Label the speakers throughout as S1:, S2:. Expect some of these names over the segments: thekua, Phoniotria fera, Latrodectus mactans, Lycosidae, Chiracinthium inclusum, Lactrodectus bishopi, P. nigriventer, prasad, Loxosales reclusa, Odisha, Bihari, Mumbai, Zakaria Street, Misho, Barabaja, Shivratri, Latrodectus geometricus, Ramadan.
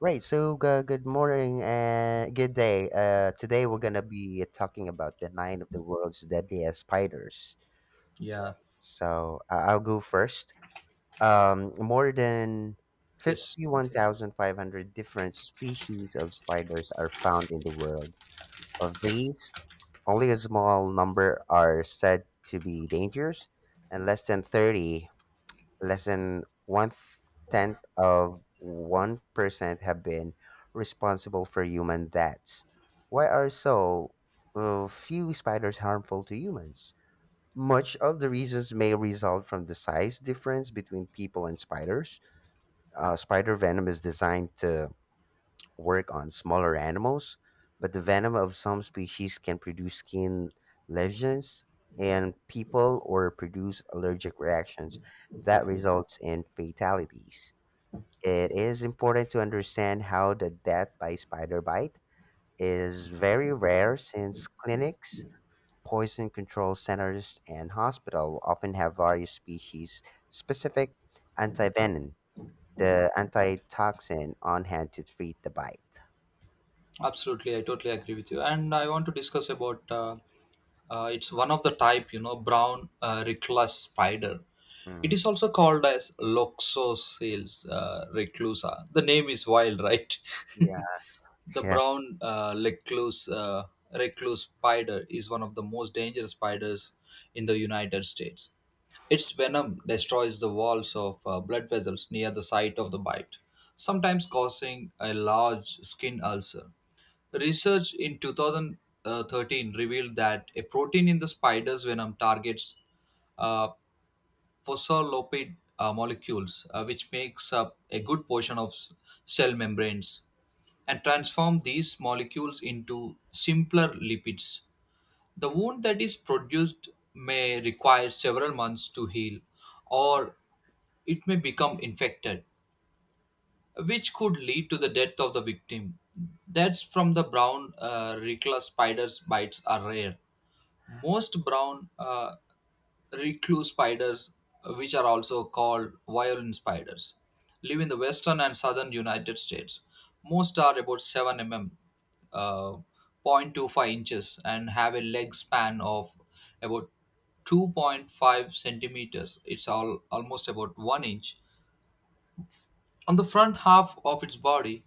S1: Right, so good morning and good day. Today we're gonna be talking about the nine of the world's deadliest spiders.
S2: Yeah.
S1: So I'll go first. More than
S2: Yes. Okay.
S1: 51,500 different species of spiders are found in the world. Of these, only a small number are said to be dangerous, and less than one tenth of 1% have been responsible for human deaths. Why are few spiders harmful to humans? Much of the reasons may result from the size difference between people and spiders. Spider venom is designed to work on smaller animals, but the venom of some species can produce skin lesions in people or produce allergic reactions that results in fatalities. It is important to understand how the death by spider bite is very rare since clinics, poison control centers, and hospital often have various species specific antivenin, the antitoxin on hand to treat the bite.
S2: Absolutely, I totally agree with you. And I want to discuss about it's one of the type, you know, brown recluse spider. It
S1: Mm.
S2: is also called as Loxosales reclusa. The name is wild, right?
S1: Yeah.
S2: The
S1: Yeah.
S2: brown recluse spider is one of the most dangerous spiders in the United States. Its venom destroys the walls of blood vessels near the site of the bite, sometimes causing a large skin ulcer. Research in 2013 revealed that a protein in the spider's venom targets uh, phospholipid molecules, which makes up a good portion of cell membranes, and transform these molecules into simpler lipids. The wound that is produced may require several months to heal, or it may become infected, which could lead to the death of the victim. That's from the brown recluse spider's bites are rare. Most brown recluse spiders, which are also called violin spiders, live in the western and southern United States. Most are about 7 mm, uh, 0.25 inches, and have a leg span of about 2.5 centimeters. It's all almost about 1 inch. On the front half of its body,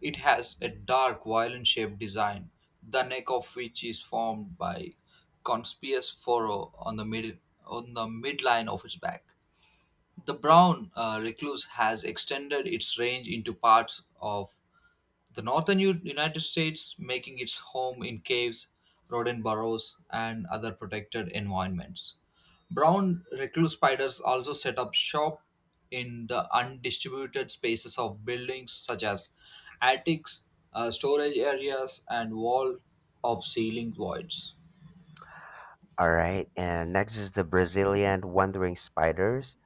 S2: it has a dark violin-shaped design, the neck of which is formed by conspicuous furrow on the midline of its back. The brown recluse has extended its range into parts of the northern United States, making its home in caves, rodent burrows, and other protected environments. Brown recluse spiders also set up shop in the undistributed spaces of buildings such as attics, storage areas, and wall of ceiling voids.
S1: All right. And next is the Brazilian wandering spiders,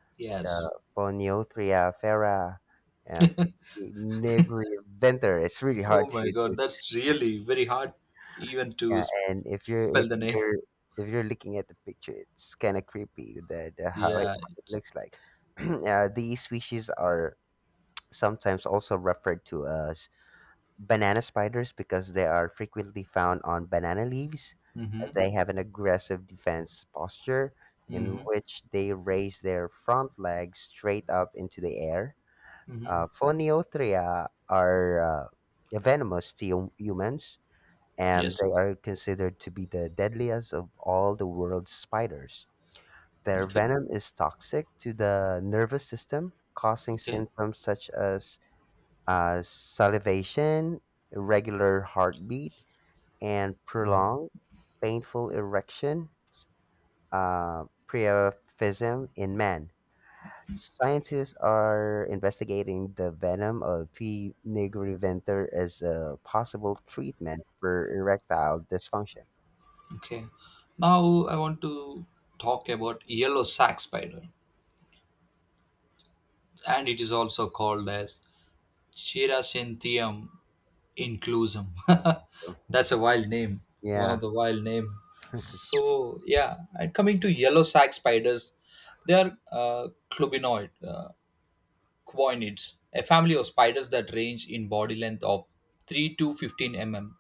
S1: the
S2: Yes.
S1: Phoniothria fera and P. nigriventer. It's really
S2: Oh
S1: hard
S2: my
S1: to do.
S2: god, that's really very hard even to
S1: Yeah, and
S2: spell the name.
S1: if you're looking at the picture, it's kind of creepy that it,
S2: Yeah.
S1: how it looks like. These species are sometimes also referred to as Banana spiders, because they are frequently found on banana leaves.
S2: Mm-hmm.
S1: They have an aggressive defense posture in
S2: Mm-hmm.
S1: which they raise their front legs straight up into the air.
S2: Mm-hmm.
S1: Phoniotria are venomous to humans, and
S2: Yes.
S1: they are considered to be the deadliest of all the world's spiders. Their
S2: Okay.
S1: venom is toxic to the nervous system, causing
S2: Okay,
S1: symptoms such as salivation, irregular heartbeat, and prolonged painful erection. Priapism in men. Scientists are investigating the venom of P. nigriventer as a possible treatment for erectile dysfunction.
S2: okay. Now I want to talk about yellow sac spider, and it is also called as Chiracinthium inclusum. That's a wild name, one
S1: Yeah.
S2: of the wild name. So yeah, and coming to yellow sac spiders, they are quoinids, a family of spiders that range in body length of 3 to 15 mm,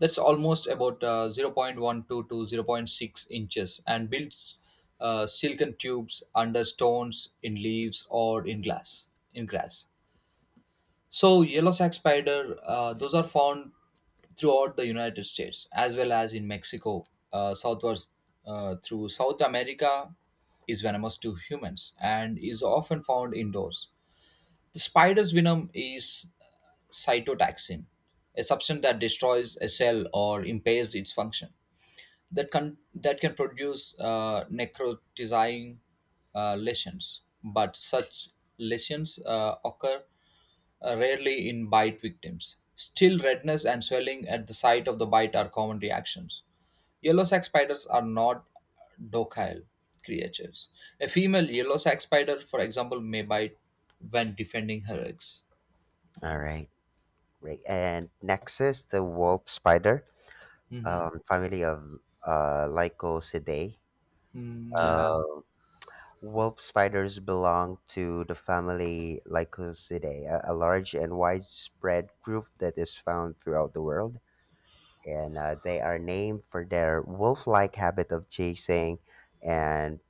S2: that's almost about 0.12 to 0 0.6 inches, and builds silken tubes under stones in leaves or in glass in grass. So yellow sac spider, those are found throughout the United States, as well as in Mexico, southwards through South America, is venomous to humans and is often found indoors. The spider's venom is cytotoxin, a substance that destroys a cell or impairs its function, that can produce necrotizing lesions, but such lesions occur rarely in bite victims. Still, redness and swelling at the site of the bite are common reactions. Yellow sac spiders are not docile creatures. A female yellow sac spider, for example, may bite when defending her eggs.
S1: All right. Great. And next is the wolf spider,
S2: Mm-hmm.
S1: family of Lycosidae.
S2: Mm, yeah.
S1: uh, Wolf spiders belong to the family Lycosidae, a large and widespread group that is found throughout the world. And they are named for their wolf like habit of chasing and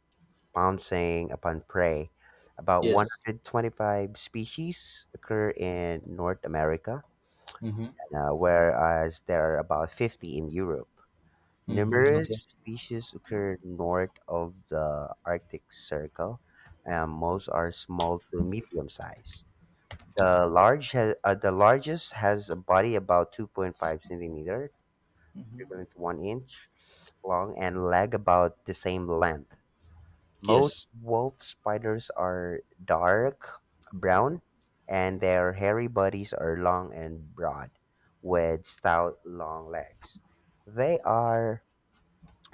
S1: pouncing upon prey. About 125 species occur in North America, whereas there are about 50 in Europe. Numerous species occur north of the Arctic Circle, and most are small to medium size. The largest has a body about 2.5 centimeter, equivalent to one inch long, and leg about the same length. Most
S2: Yes.
S1: wolf spiders are dark brown, and their hairy bodies are long and broad, with stout long legs. They are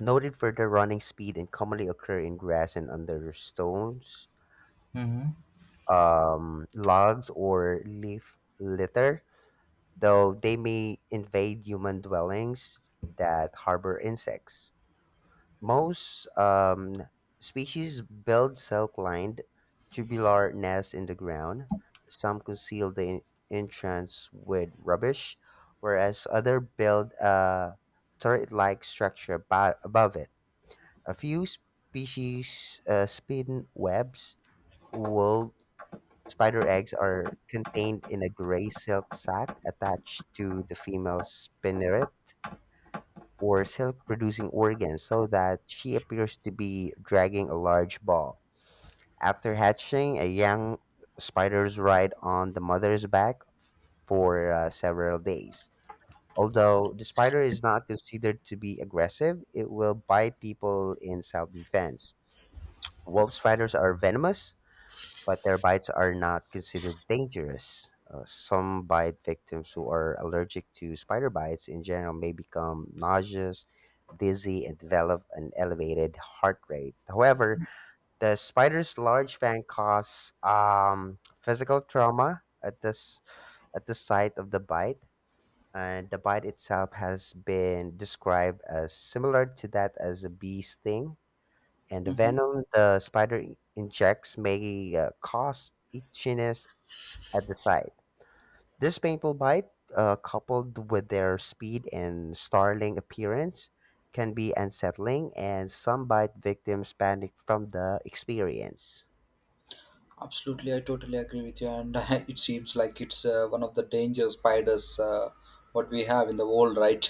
S1: noted for their running speed and commonly occur in grass and under stones, logs, or leaf litter, though they may invade human dwellings that harbor insects. Most species build silk lined tubular nests in the ground. Some conceal the entrance with rubbish, whereas others build a turret like structure above it. A few species spin webs, while spider eggs are contained in a gray silk sac attached to the female spinneret or silk producing organ so that she appears to be dragging a large ball. After hatching, a young spiders ride on the mother's back for several days. Although the spider is not considered to be aggressive, it will bite people in self defense. Wolf spiders are venomous, but their bites are not considered dangerous. Some bite victims who are allergic to spider bites in general may become nauseous, dizzy, and develop an elevated heart rate. However, the spider's large fang cause physical trauma at this at the site of the bite, and the bite itself has been described as similar to that as a bee sting, and the
S2: Mhm.
S1: venom the spider injects may cause itchiness at the site. This painful bite, coupled with their speed and startling appearance, can be unsettling, and some bite victims panic from the experience.
S2: Absolutely, I totally agree with you, and it seems like it's one of the danger spiders what we have in the world, right?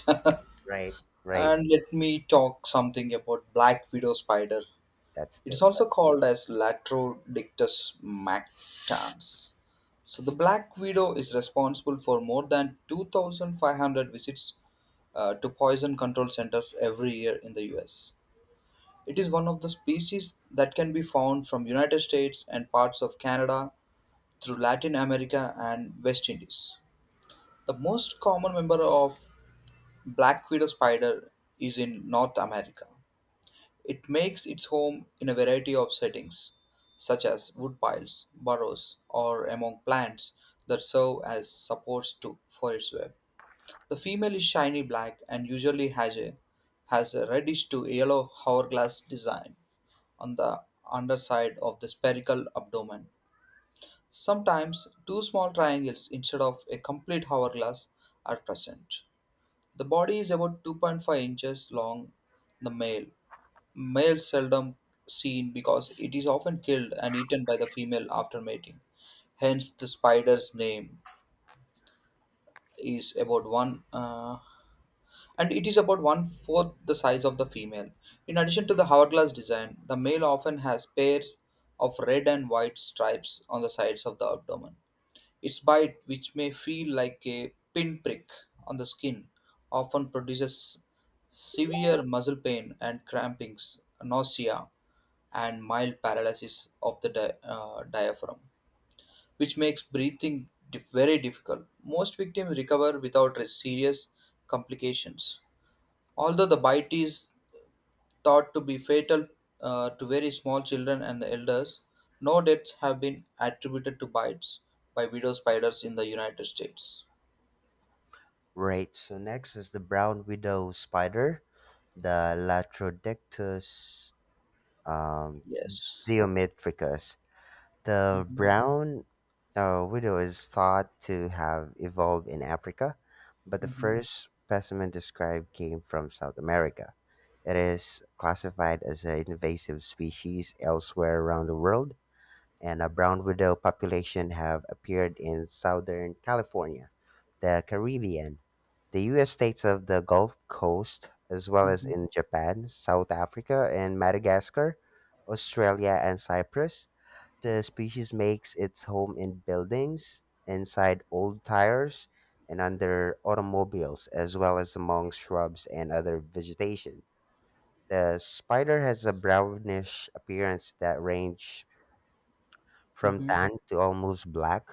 S1: Right, right.
S2: And let me talk something about black widow spider.
S1: That's
S2: It
S1: the
S2: is also
S1: that's
S2: called as Latrodictus mactans. So the black widow is responsible for more than 2,500 visits to poison control centers every year in the US. It is one of the species that can be found from United States and parts of Canada through Latin America and West Indies. The most common member of black widow spider is in North America. It makes its home in a variety of settings, such as wood piles, burrows, or among plants that serve as supports for its web. The female is shiny black and usually has a reddish to yellow hourglass design on the underside of the spherical abdomen. Sometimes two small triangles instead of a complete hourglass are present. The body is about 2.5 inches long, the male seldom seen because it is often killed and eaten by the female after mating. Hence, the spider's name is about one, and it is about one fourth the size of the female. In addition to the hourglass design, the male often has pairs of red and white stripes on the sides of the abdomen. Its bite, which may feel like a pinprick on the skin, often produces severe muscle pain and crampings, nausea, and mild paralysis of the diaphragm, which makes breathing very difficult. Most victims recover without serious complications. Although the bite is thought to be fatal to very small children and the elders, no deaths have been attributed to bites by widow spiders in the United States.
S1: right. So next is the brown widow spider, the Latrodectus um,
S2: Yes.
S1: geometricus. The
S2: Mm-hmm.
S1: brown widow is thought to have evolved in Africa, but the
S2: Mm-hmm.
S1: first specimen described came from South America. It is classified as an invasive species elsewhere around the world, and a brown widow population have appeared in southern California, the Caribbean, the US states of the Gulf Coast, as well as
S2: Mm-hmm.
S1: in Japan, South Africa, and Madagascar, Australia, and Cyprus. The species makes its home in buildings, inside old tires, and under automobiles, as well as among shrubs and other vegetation. The spider has a brownish appearance that ranges from
S2: Mm-hmm.
S1: tan to almost black,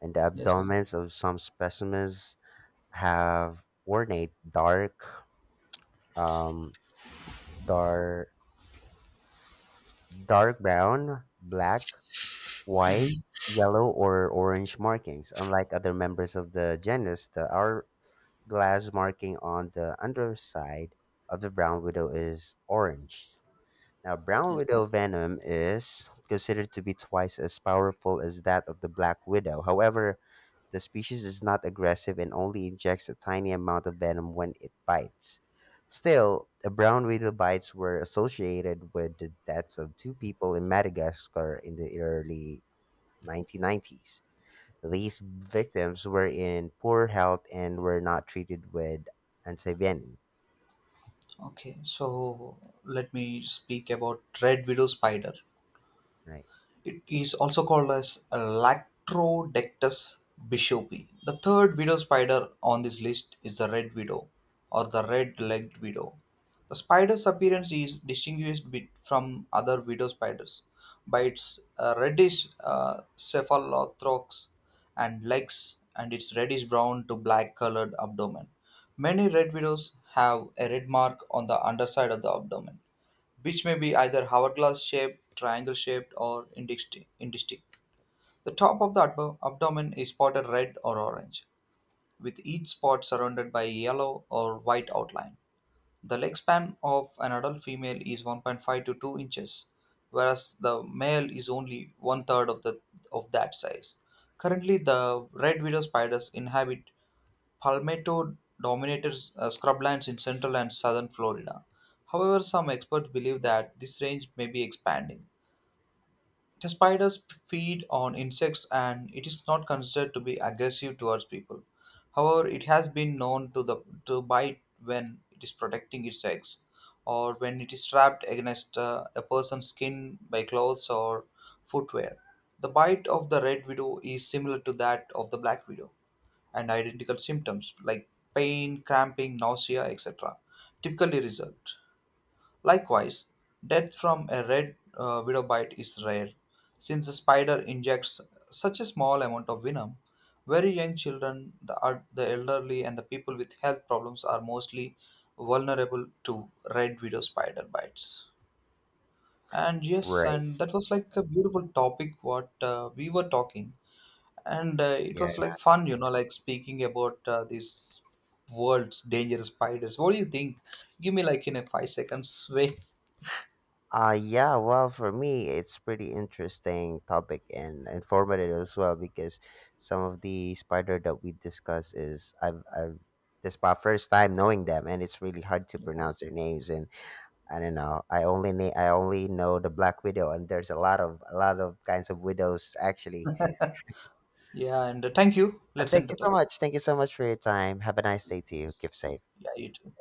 S1: and the
S2: Yes.
S1: abdomens of some specimens have ornate um, dark, dark brown, black, white, yellow, or orange markings. Unlike other members of the genus, the hourglass marking on the underside of the brown widow is orange. Now, brown widow
S2: Yes.
S1: venom is considered to be twice as powerful as that of the black widow. However, the species is not aggressive and only injects a tiny amount of venom when it bites. Still, the brown widow bites were associated with the deaths of two people in Madagascar in the early 1990s. These victims were in poor health and were not treated with antivenin.
S2: Okay. So let me speak about red widow spider.
S1: Right.
S2: It is also called as Lactrodectus bishopi. The third widow spider on this list is the red widow or the red-legged widow. The spider's appearance is distinguished bit from other widow spiders by its reddish cephalothorax and legs, and its reddish brown to black colored abdomen. Many red widows have a red mark on the underside of the abdomen, which may be either hourglass shaped, triangle shaped, or indistinct. The top of the abdomen is spotted red or orange, with each spot surrounded by a yellow or white outline. The leg span of an adult female is 1.5 to 2 inches, whereas the male is only one third of that size. Currently, the red widow spiders inhabit Palmetto dominated scrublands in central and southern Florida. However, some experts believe that this range may be expanding. The spiders feed on insects and it is not considered to be aggressive towards people. However, it has been known to bite when it is protecting its eggs, or when it is trapped against a person's skin by clothes or footwear. The bite of the red widow is similar to that of the black widow, and identical symptoms like pain, cramping, nausea, etc., typically result. Likewise, death from a red widow bite is rare, since the spider injects such a small amount of venom. Very young children, the elderly, and the people with health problems are mostly vulnerable to red widow spider bites. And yes,
S1: Right.
S2: and that was like a beautiful topic what we were talking, and it
S1: Yeah.
S2: was like fun, you know, like speaking about these world's dangerous spiders. What do you think? Give me like in a 5 seconds way.
S1: Yeah, well, for me, it's pretty interesting topic and informative as well because some of the spider that we discuss is I've this is my first time knowing them and it's really hard to pronounce their names, and I don't know, I only I only know the black widow and there's a lot of kinds of widows actually.
S2: Yeah, and thank you, let's
S1: Thank
S2: end the
S1: you so
S2: topic.
S1: much. Thank you so much for your time. Have a nice day to you. Keep
S2: Yes.
S1: safe.
S2: Yeah, you too.